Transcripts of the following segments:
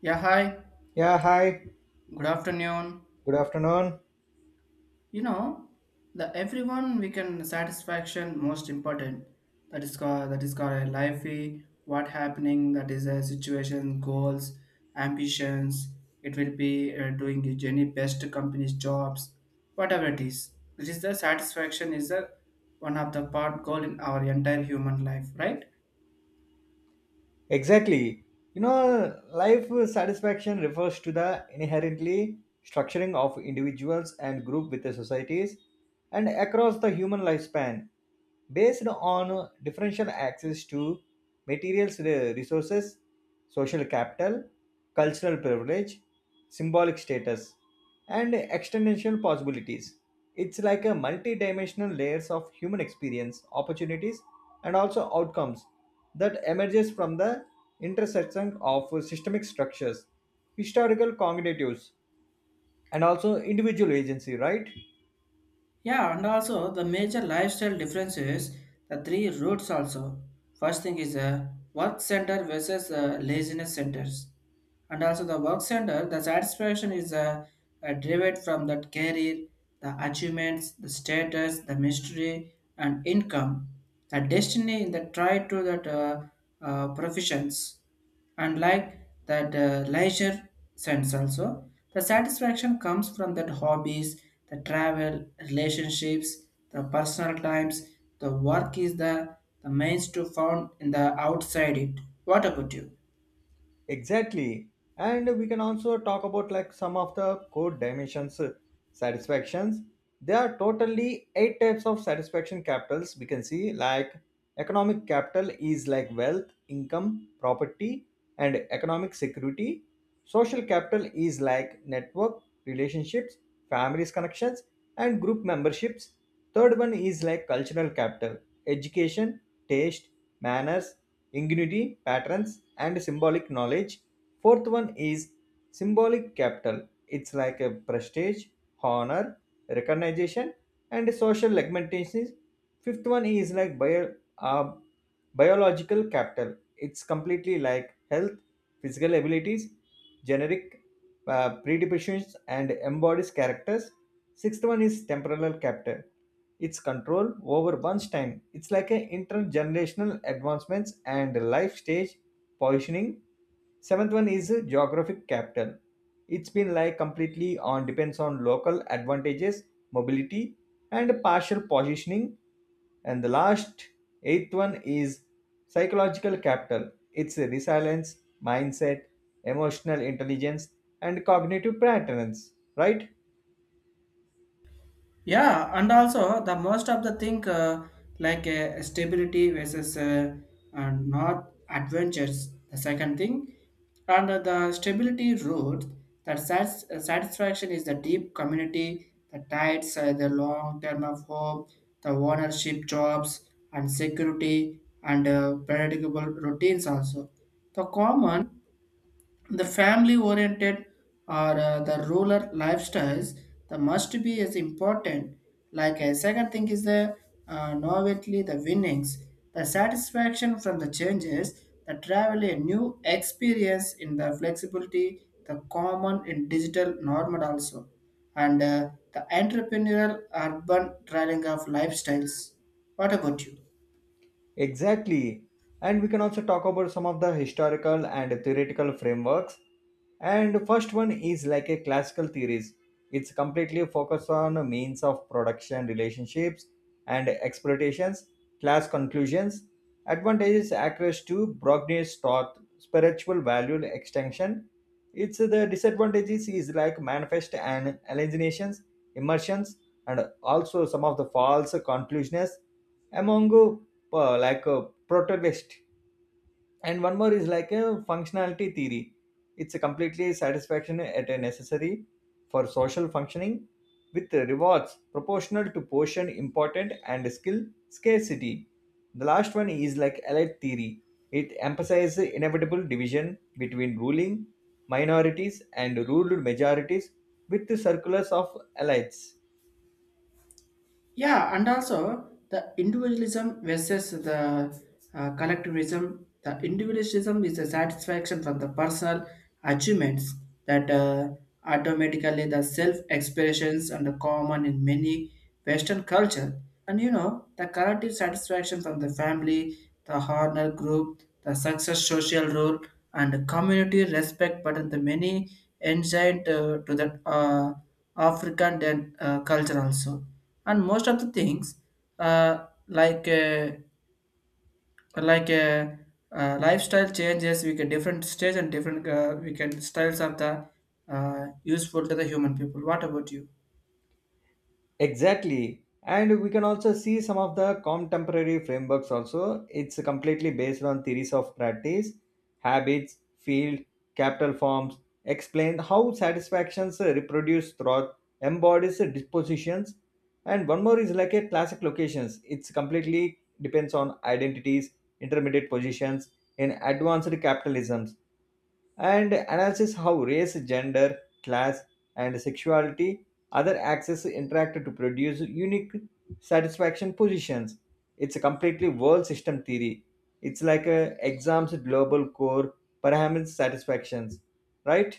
Yeah, hi. Yeah, hi. Good afternoon. Good afternoon. You know, the everyone we can satisfaction most important. That is called a life. What happening? That is a situation, goals, ambitions. It will be doing your journey best company's jobs, whatever it is. This is the satisfaction is the one of the part goal in our entire human life, right? Exactly. You know, life satisfaction refers to the inherently structuring of individuals and group with the societies and across the human lifespan, based on differential access to materials, resources, social capital, cultural privilege, symbolic status, and extensional possibilities. It's like a multi-dimensional layers of human experience, opportunities, and also outcomes that emerges from the intersection of systemic structures, historical cognitives, and also individual agency, right? Yeah, and also the major lifestyle differences, the three routes also. First thing is a work center versus laziness centers. And also the work center, the satisfaction is derived from that career, the achievements, the status, the mystery, and income, the destiny in the try to that professions and like that leisure sense also the satisfaction comes from that hobbies, the travel relationships, the personal times. The work is the means to found in the outside it. What about you? Exactly. And we can also talk about like some of the core dimensions satisfactions. There are totally eight types of satisfaction capitals we can see like economic capital is like wealth, income, property and economic security. Social capital is like network, relationships, families connections and group memberships. Third one is like cultural capital, education, taste, manners ingenuity, patterns, and symbolic knowledge. Fourth one is symbolic capital. It's like a prestige, honor, recognition, and social augmentation. Fifth one is like uh, biological capital. It's completely like health, physical abilities, generic predispositions, and embodies characters. Sixth one is temporal capital. It's control over one's time. It's like a intergenerational advancements and life stage positioning. Seventh one is geographic capital. It's been like completely on depends on local advantages, mobility, and partial positioning. And the last eighth one is psychological capital. It's resilience, mindset, emotional intelligence, and cognitive patterns. Right? Yeah, and also the most of the thing like stability versus not adventures. The second thing, and the stability route that satisfaction is the deep community, the tides, the long term of hope, the ownership jobs and security and predictable routines also. The common, the family oriented or the rural lifestyles, the must be as important. Like a second thing is the novelty, the winnings, the satisfaction from the changes, the travel, a new experience in the flexibility, the common in digital normal also, and the entrepreneurial urban trailing of lifestyles. What about you? Exactly. And we can also talk about some of the historical and theoretical frameworks. And first one is like a classical theories. It's completely focused on means of production relationships and exploitations, class conclusions, advantages access to Brogni's thought, spiritual value extension. It's the disadvantages is like manifest and alienations, immersions, and also some of the false conclusions among like a protagonist. And one more is like a functionality theory. It's a completely satisfaction at a necessary for social functioning with rewards proportional to portion important and skill scarcity. The last one is like elite theory. It emphasizes inevitable division between ruling minorities and ruled majorities with the circulars of elites. Yeah, and also the individualism versus the collectivism. The individualism is a satisfaction from the personal achievements that automatically the self-expressions and the common in many Western culture. And you know, the collective satisfaction from the family, the honor group, the success social role and community respect, but in the many ancient to the african then culture also, and most of the things uh, like uh, like uh, lifestyle changes we get different stage and different we can styles of the useful to the human people. What about you? Exactly. And we can also see some of the contemporary frameworks also. It's completely based on theories of practice, habits, field, capital forms, explain how satisfactions reproduce throughout, embodies the dispositions. And one more is like a classic locations. It's completely depends on identities, intermediate positions in advanced capitalisms and analyzes how race, gender, class, and sexuality other axes interact to produce unique satisfaction positions. It's a completely world system theory. It's like a exam's global core parameters satisfactions, right?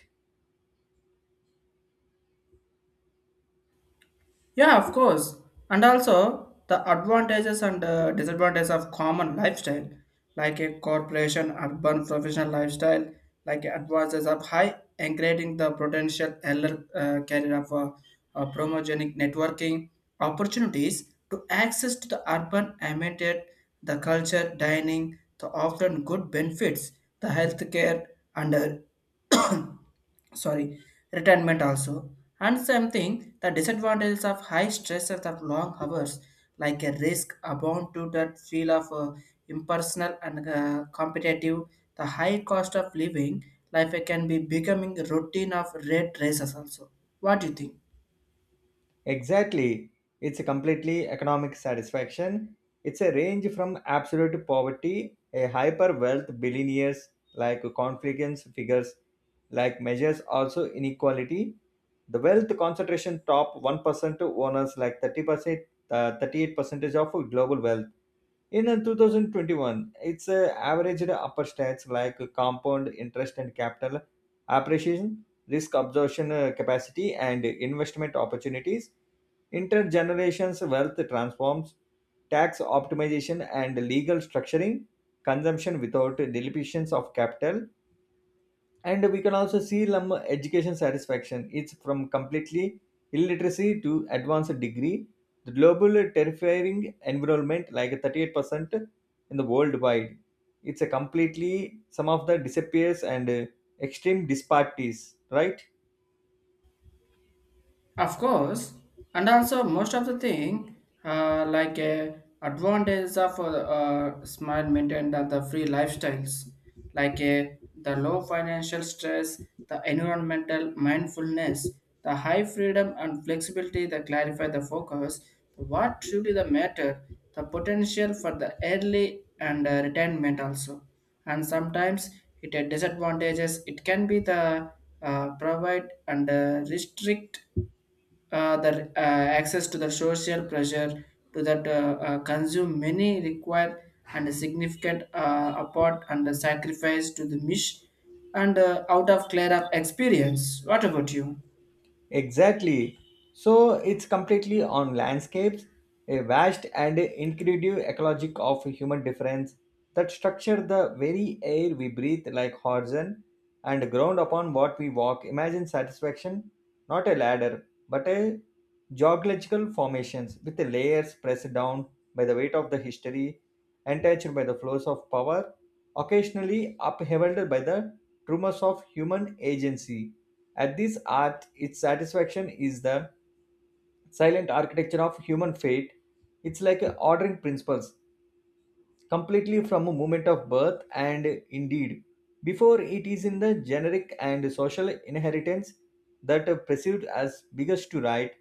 Yeah, of course. And also the advantages and disadvantages of common lifestyle, like a corporation, urban professional lifestyle, like advantages of high, increasing the potential earlier career of promogenic networking opportunities to access to the urban ambiente, the culture, dining, the often good benefits, the healthcare, and uh, sorry, retirement also. And same thing, the disadvantages of high stress of long hours, like a risk abound to that feel of impersonal and competitive, the high cost of living, life can be becoming routine of red races also. What do you think? Exactly. It's a completely economic satisfaction. It's a range from absolute poverty, a hyper wealth billionaires like confidence figures like measures also inequality. The wealth concentration top 1% to owners like 30%, 38% of global wealth. In 2021, it's averaged upper stats like compound interest and capital appreciation, risk absorption capacity, and investment opportunities, intergenerations wealth transforms, tax optimization and legal structuring, consumption without deletions of capital, and we can also see some education satisfaction. It's from completely illiteracy to advanced degree, the global terrifying environment like 38% in the worldwide. It's a completely some of the disappears and extreme disparities, right? Of course, and also most of the thing like a advantage of smart maintained and the free lifestyles, like a the low financial stress, the environmental mindfulness, the high freedom and flexibility that clarify the focus. So what truly the matter, the potential for the early and retirement also. And sometimes it had disadvantages. It can be the provide and restrict the access to the social pressure to that consume many require and a significant apart and the sacrifice to the mish and out of clear up experience. What about you? Exactly. So it's completely on landscapes, a vast and incredible ecologic of human difference that structure the very air we breathe like horizon and ground upon what we walk. Imagine satisfaction, not a ladder, but a geological formations with the layers pressed down by the weight of the history, untouched by the flows of power, occasionally upheld by the tremors of human agency at this art, its satisfaction is the silent architecture of human fate. It's like a ordering principles, completely from a moment of birth and indeed. Before it is in the generic and social inheritance that are perceived as biggest to right,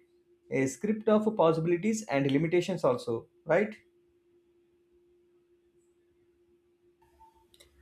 a script of possibilities and limitations also, right?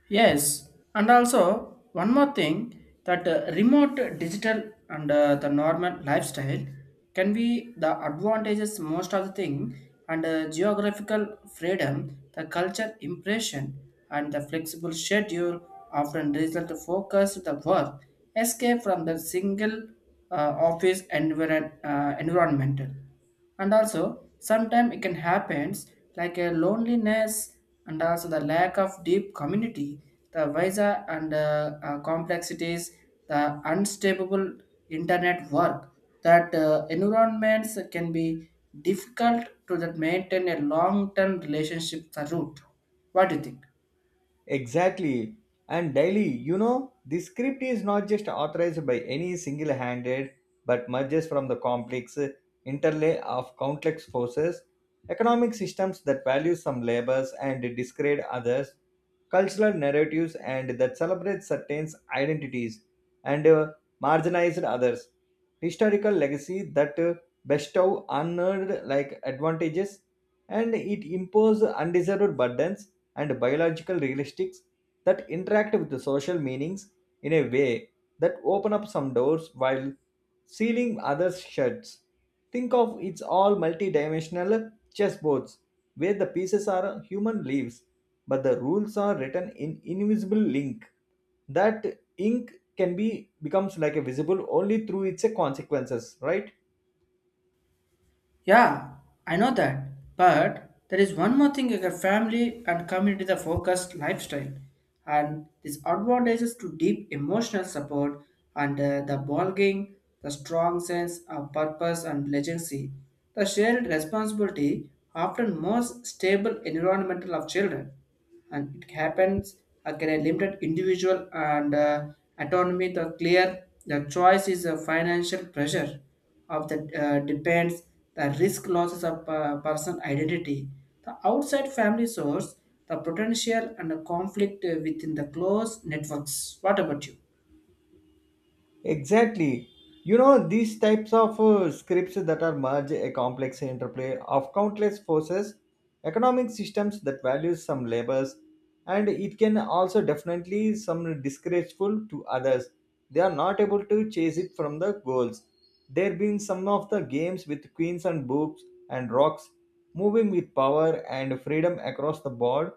Yes, and also one more thing, that remote digital and the normal lifestyle can be the advantages most of the thing, and geographical freedom, the culture impression and the flexible schedule often result to focus the work, escape from the single environmental. And also sometimes it can happens, like a loneliness, and also the lack of deep community, the visa and complexities, the unstable internet work that environments can be difficult to that maintain a long-term relationship the root. What do you think? Exactly. And daily, you know, the script is not just authorized by any single handed, but merges from the complex interlay of complex forces, economic systems that value some labors and discredit others, cultural narratives and that celebrate certain identities and marginalized others, historical legacy that bestow unearned like advantages, and it impose undeserved burdens and biological realistics that interact with the social meanings in a way that open up some doors while sealing others shuts. Think of it's all multidimensional chessboards where the pieces are human leaves, but the rules are written in invisible ink. That ink can be becomes like a visible only through its consequences, right? Yeah, I know that. But there is one more thing: your family and community the focused lifestyle and these advantages to deep emotional support and the belonging, the strong sense of purpose and legacy, the shared responsibility often most stable environmental of children. And it happens again a limited individual and autonomy, the clear the choice is a financial pressure of the depends, the risk losses of person identity, the outside family source, the potential and the conflict within the close networks. What about you? Exactly. You know, these types of scripts that are merge a complex interplay of countless forces, economic systems that values some labors, and it can also definitely some disgraceful to others. They are not able to chase it from the goals. There been some of the games with queens and boobs and rocks moving with power and freedom across the board.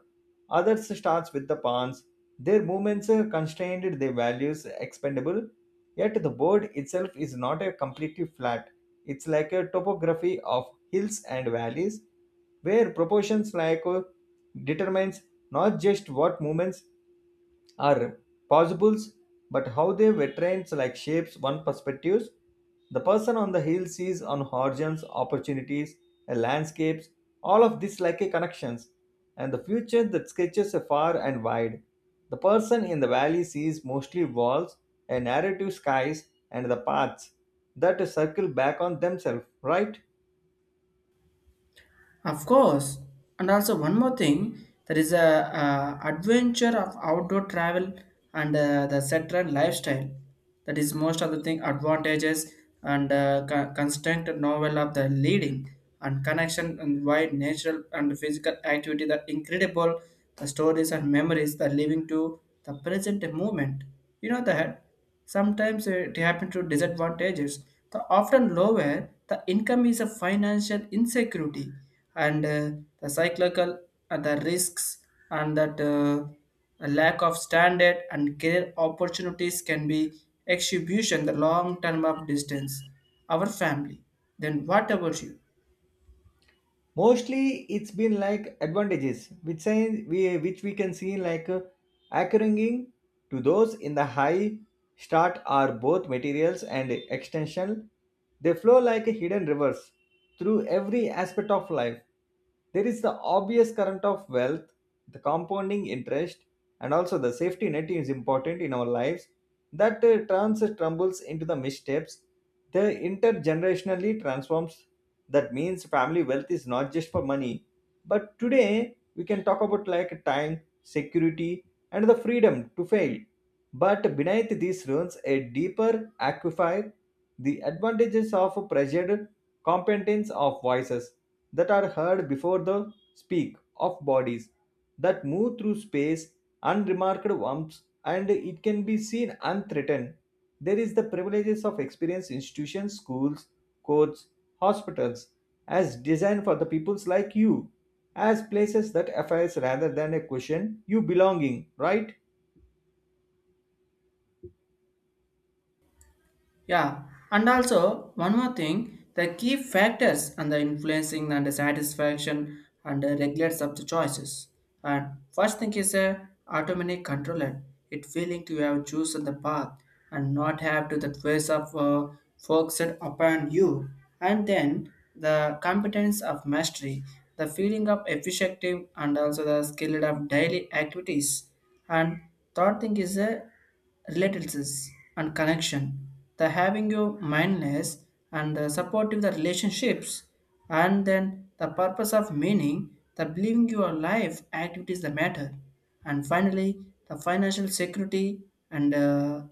Others starts with the pawns. Their movements are constrained their values expendable. Yet the board itself is not a completely flat. It's like a topography of hills and valleys where proportions like determines not just what movements are possibles, but how they were trained like shapes one perspectives. The person on the hill sees on horizons, opportunities, landscapes, all of this like a connections, and the future that sketches a far and wide. The person in the valley sees mostly walls, a narrative skies, and the paths that circle back on themselves, right? Of course, and also one more thing, there is a, adventure of outdoor travel and the settled lifestyle. That is most of the thing advantages and constant novel of the leading and connection and wide natural and physical activity. The incredible the stories and memories that living to the present moment. You know that. Sometimes it happens to disadvantages. The often lower the income is a financial insecurity and the cyclical and the risks and that a lack of standard and career opportunities can be exhibition the long term of distance. Our family. Then what about you? Mostly it's been like advantages which we which we can see like accruing to those in the high start are both materials and extension. They flow like hidden rivers through every aspect of life. There is the obvious current of wealth, the compounding interest, and also the safety net is important in our lives that turns trumbles into the missteps. The intergenerationally transforms. That means family wealth is not just for money, but today we can talk about like time, security, and the freedom to fail. But beneath these ruins, a deeper aquifer, the advantages of pressured competence of voices that are heard before the speak of bodies that move through space, unremarked warmth, and it can be seen unthreatened. There is the privileges of experience institutions, schools, courts, hospitals, as designed for the peoples like you, as places that affairs rather than a question you belonging, right? Yeah, and also one more thing, the key factors and the influencing and the satisfaction and the regulates of the choices. And first thing is a automatic controller. It feeling to have chosen the path and not have to the choice of focused upon you. And then the competence of mastery, the feeling of efficiency and also the skill of daily activities. And third thing is a relatives and connection, the having your mindless and the supportive the relationships. And then the purpose of meaning, the believing your life activities the matter. And finally, the financial security and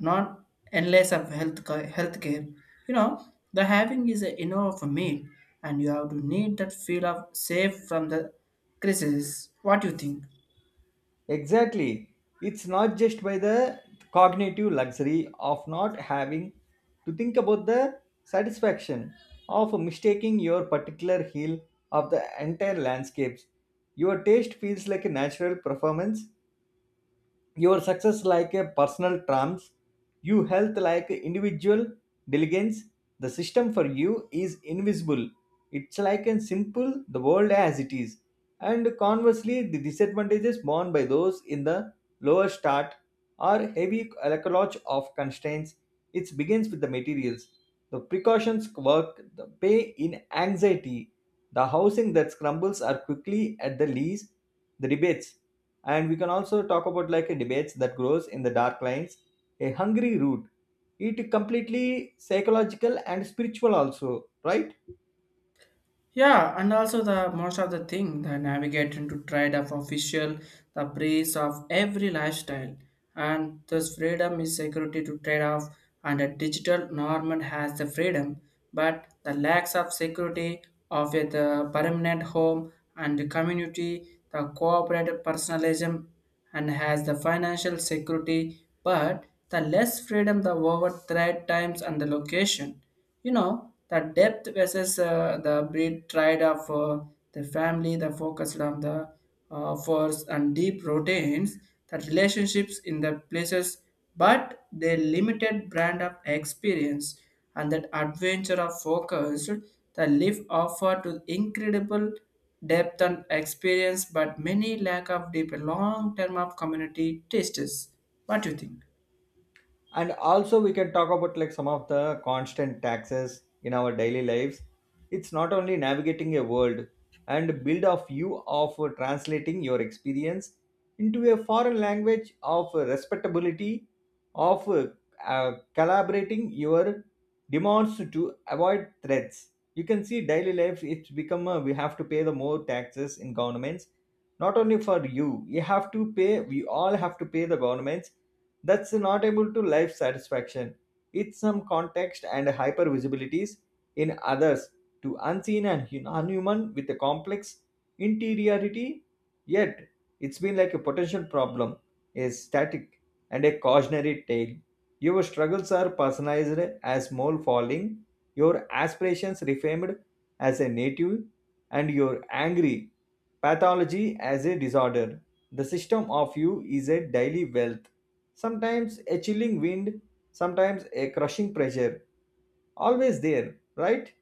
not endless of health healthcare. You know, the having is a inner of a meat, and you have to need that feel of safe from the crisis. What do you think? Exactly. It's not just by the cognitive luxury of not having to think about the satisfaction of mistaking your particular heel of the entire landscapes. Your taste feels like a natural performance, your success like a personal trumps, your health like individual diligence. The system for you is invisible. It's like a simple the world as it is, and conversely the disadvantages borne by those in the lower start are heavy alkalage of constraints. It begins with the materials, the precautions work, the pay in anxiety, the housing that crumbles are quickly at the lease, the rebates, and we can also talk about like a debates that grows in the dark lines, a hungry root. It completely psychological and spiritual also, right? Yeah, and also the most of the thing the navigating to trade of official, the praise of every lifestyle, and thus freedom is security to trade off. And a digital normal has the freedom but the lacks of security of a the permanent home and the community, the cooperative personalism, and has the financial security, but the less freedom the over threat times and the location. You know, the depth versus the breed tried of the family, the focus on the force and deep routines, the relationships in the places, but they limited brand of experience. And that adventure of focus, the live offer to incredible depth and experience, but many lack of deep long term of community tastes. What do you think? And also we can talk about like some of the constant taxes in our daily lives. It's not only navigating a world and build a view of translating your experience into a foreign language of respectability, of collaborating your demands to avoid threats. You can see daily life, it's become a, we have to pay the more taxes in governments, not only for you, you have to pay, we all have to pay the governments. That's not able to life satisfaction. It's some context and hyper visibilities in others, to unseen and unhuman with a complex interiority. Yet it's been like a potential problem, a static and a cautionary tale. Your struggles are personalized as mole falling, your aspirations reframed as a native, and your angry pathology as a disorder. The system of you is a daily wealth, sometimes a chilling wind, sometimes a crushing pressure, always there, right?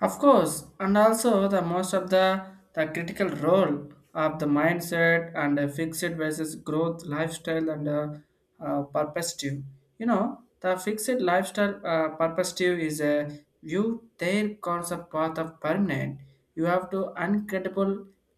Of course, and also the most of the critical role of the mindset and fixed versus growth lifestyle and perspective. You know, the fixed lifestyle perspective is a view their concept path of permanent. You have to uncredible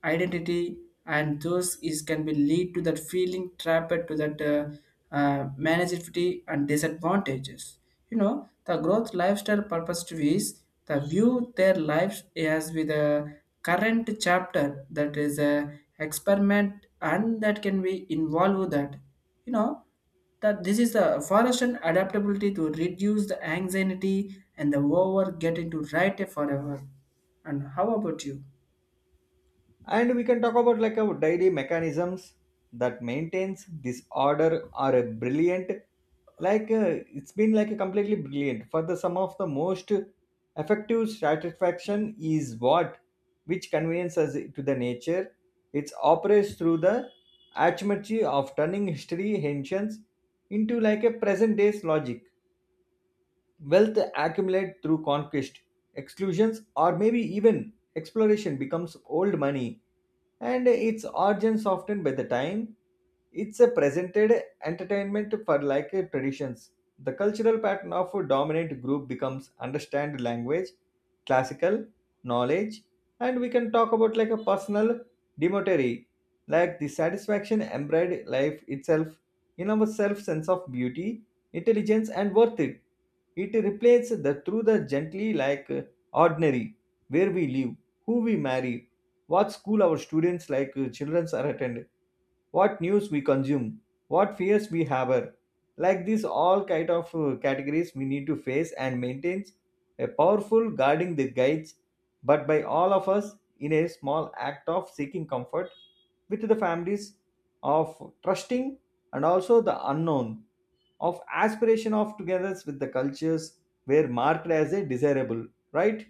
identity, and those is can be lead to that feeling trapped to that manageability and disadvantages. You know, the growth lifestyle purpose is the view their lives as with a current chapter that is a experiment and that can be involve that. You know, that this is the forest and adaptability to reduce the anxiety and the over getting to right forever. And how about you? And we can talk about like our daily mechanisms that maintains this order are a brilliant, it's been like a completely brilliant. For the some of the most effective satisfaction is what which conveniences to the nature. It operates through the arithmetic of turning history ancients into like a present day's logic. Wealth accumulated through conquest, exclusions, or maybe even exploration becomes old money and its origins often by the time it's a presented entertainment for like a traditions, the cultural pattern of a dominant group becomes understand language, classical knowledge, and we can talk about like a personal demotary like the satisfaction embodied life itself in our self sense of beauty, intelligence and worth it. It replaces the through the gently like ordinary where we live, who we marry, what school our students like children are attending, what news we consume, what fears we harbor. Like these all kind of categories we need to face and maintains a powerful guarding the guides, but by all of us in a small act of seeking comfort with the families of trusting and also the unknown of aspiration of togetherness with the cultures were marked as a desirable, right.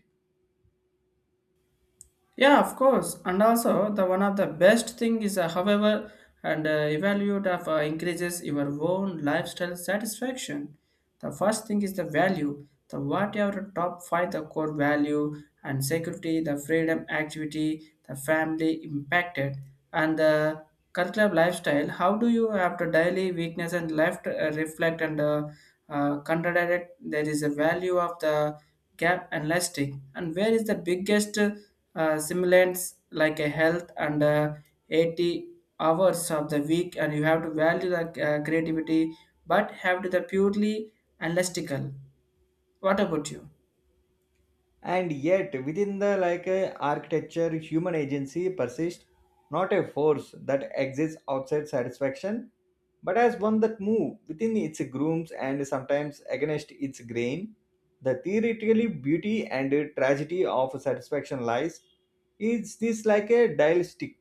Yeah, of course. And also, the one of the best thing is, however, and evaluate of increases your own lifestyle satisfaction. The first thing is the value. The what your top five the core value and security, the freedom, activity, the family impacted, and the curriculum lifestyle. How do you have to daily weakness and left reflect and contradicted, there is a value of the gap and elastic. And where is the biggest simulants like a health and 80 hours of the week, and you have to value the creativity but have to the purely, and what about you? And yet, within the like architecture, human agency persists, not a force that exists outside satisfaction, but as one that moves within its grooves and sometimes against its grain. The theoretically beauty and tragedy of satisfaction lies is this like a dialectic.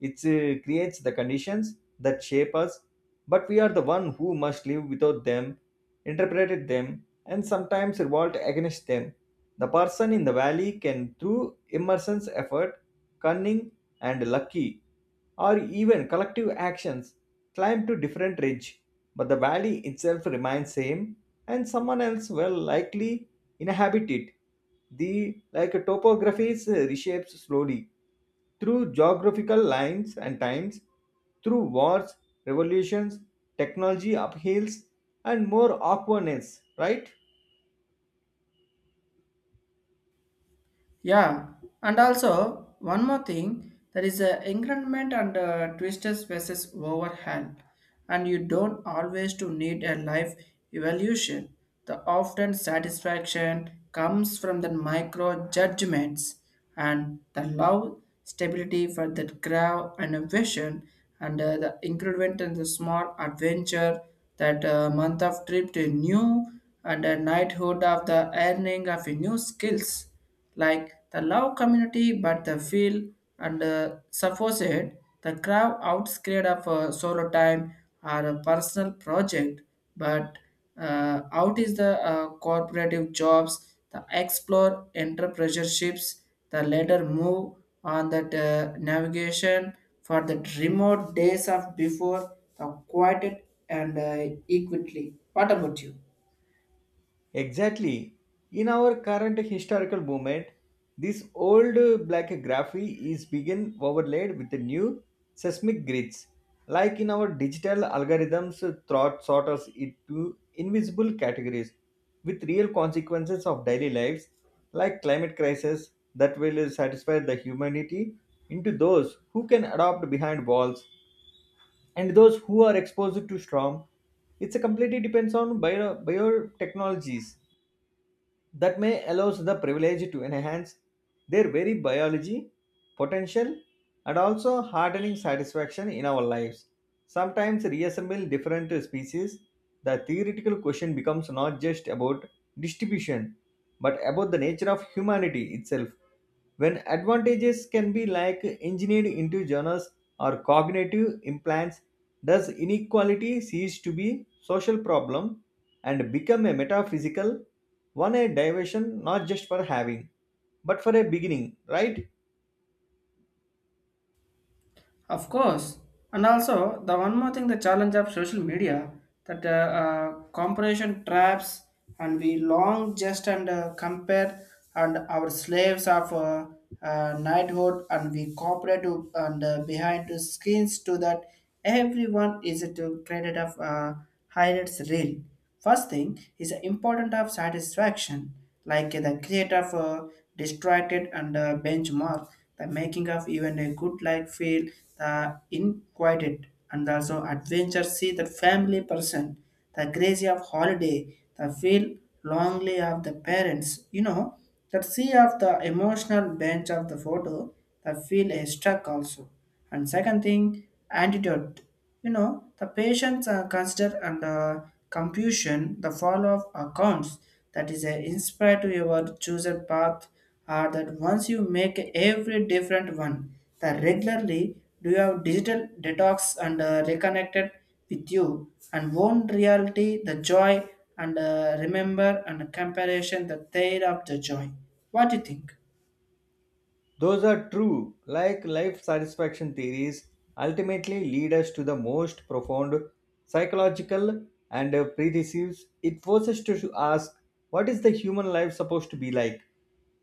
It creates the conditions that shape us, but we are the one who must live without them, interpret them, and sometimes revolt against them. The person in the valley can, through immersion's effort, cunning, and lucky, or even collective actions, climb to different ridge, but the valley itself remains same, and someone else will likely inhabit it. The like topographies reshapes slowly through geographical lines and times, through wars, revolutions, technology upheavals, and more awkwardness, right? Yeah, and also one more thing, there is a increment and twisters versus overhand, and you don't always to need a life evolution. The often satisfaction comes from the micro judgments and the love stability for the crowd and a vision, and the increment and the small adventure that month of trip to new and a knighthood of the earning of a new skills, like the love community but the feel and supposed the crowd outscared of a solo time or a personal project. But out is the cooperative jobs, the explore entrepreneurships, the later move on that navigation for the remote days of before the quieted and equally. What about you? Exactly. In our current historical moment, this old blackgraphy is being overlaid with the new seismic grids. Like in our digital algorithms, thought sort us into invisible categories with real consequences of daily lives, like climate crisis that will satisfy the humanity into those who can adopt behind walls and those who are exposed to storm. It's a completely depends on biotechnologies that may allows the privilege to enhance their very biology potential and also hardening satisfaction in our lives sometimes reassemble different species. The theoretical question becomes not just about distribution but about the nature of humanity itself. When advantages can be like engineered into journals or cognitive implants, does inequality cease to be social problem and become a metaphysical one, a diversion not just for having but for a beginning, right? Of course, and also the one more thing, the challenge of social media that comparison traps, and we long just and compare and our slaves of knighthood, and we cooperate to, and behind the screens to that everyone is to created of highlights reel. First thing is the importance of satisfaction, like the creator of distracted and benchmark, the making of even a good life feel the inquited. And also adventure see the family person, the crazy of holiday, the feel longly of the parents, you know, the sea of the emotional bench of the photo, the feel a struck also. And second thing, antidote. You know, the patients are considered under confusion, the follow-up accounts that is a inspire to your chosen path are that once you make every different one, that regularly do you have digital detox and reconnected with you and own reality, the joy and remember and comparison, the tale of the joy. What do you think? Those are true, like life satisfaction theories, ultimately lead us to the most profound psychological and predecessors. It forces us to ask, what is the human life supposed to be like?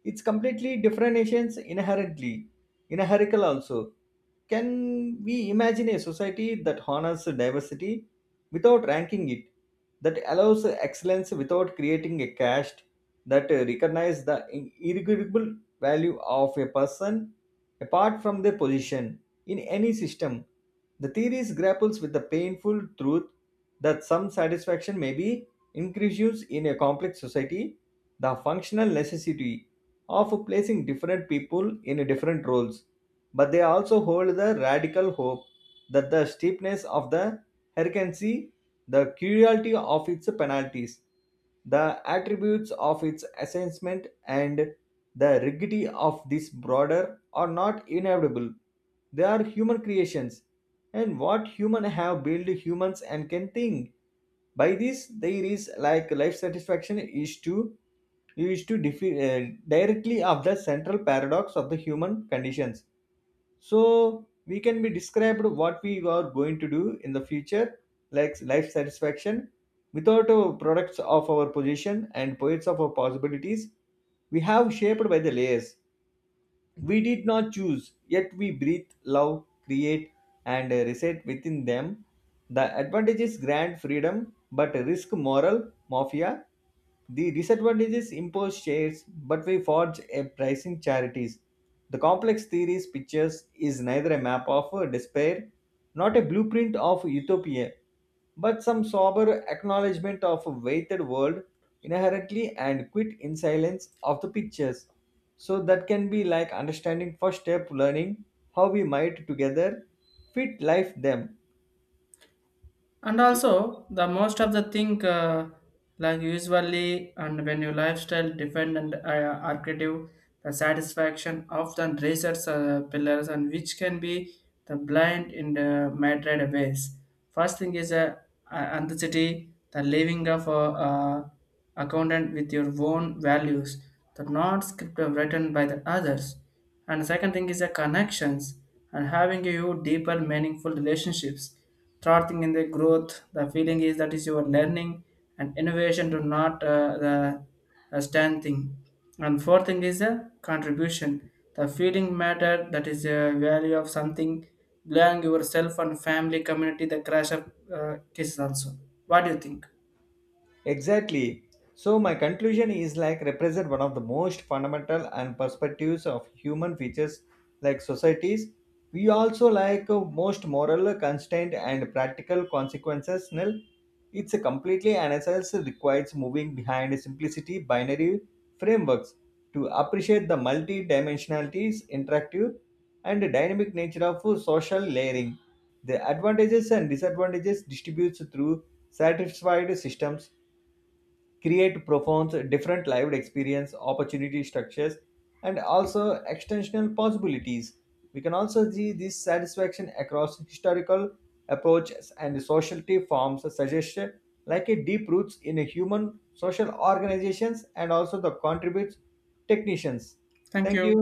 It's completely different nations inherently, inherential also. Can we imagine a society that honors diversity without ranking it, that allows excellence without creating a caste, that recognizes the irregularable value of a person apart from their position in any system? The theories grapples with the painful truth that some satisfaction may be increased in a complex society, the functional necessity of placing different people in different roles, but they also hold the radical hope that the steepness of the hierarchy, the cruelty of its penalties, the attributes of its assessment, and the rigidity of this border are not inevitable. They are human creations, and what human have built humans and can think. By this, there is like life satisfaction is to directly of the central paradox of the human conditions, so we can be described what we are going to do in the future like life satisfaction without our products of our position and poets of our possibilities. We have shaped by the layers we did not choose, yet we breathe, love, create, and reside within them. The advantage is grand freedom, but risk moral mafia. The disadvantages impose shares, but we forge a pricing charities. The complex theories pictures is neither a map of despair, not a blueprint of utopia, but some sober acknowledgement of a weighted world inherently and quit in silence of the pictures, so that can be like understanding first step learning how we might together fit life them. And also the most of the thing like usually and when your lifestyle defend and are creative, the satisfaction of the research pillars and which can be the blind in the mattered ways. First thing is authenticity, the living of a uh, accountant with your own values, the not script of written by the others. And second thing is the connections and having you deeper meaningful relationships. Third thing in the growth, the feeling is that is your learning and innovation to not the stand thing. And fourth thing is a contribution, the feeling matter that is a value of something belong yourself and family community. The crash of cases also. What do you think? Exactly. So my conclusion is like represent one of the most fundamental and perspectives of human features like societies. We also like most moral constraint and practical consequences. Nil. It's a completely analysis requires moving behind simplicity binary frameworks to appreciate the multi-dimensionalities, interactive and dynamic nature of social layering. The advantages and disadvantages distributes through satisfied systems create profound different lived experience opportunity structures and also extensional possibilities. We can also see this satisfaction across historical approaches and sociality forms suggest like a deep roots in a human social organizations and also the contributes technicians. Thank Thank you. you.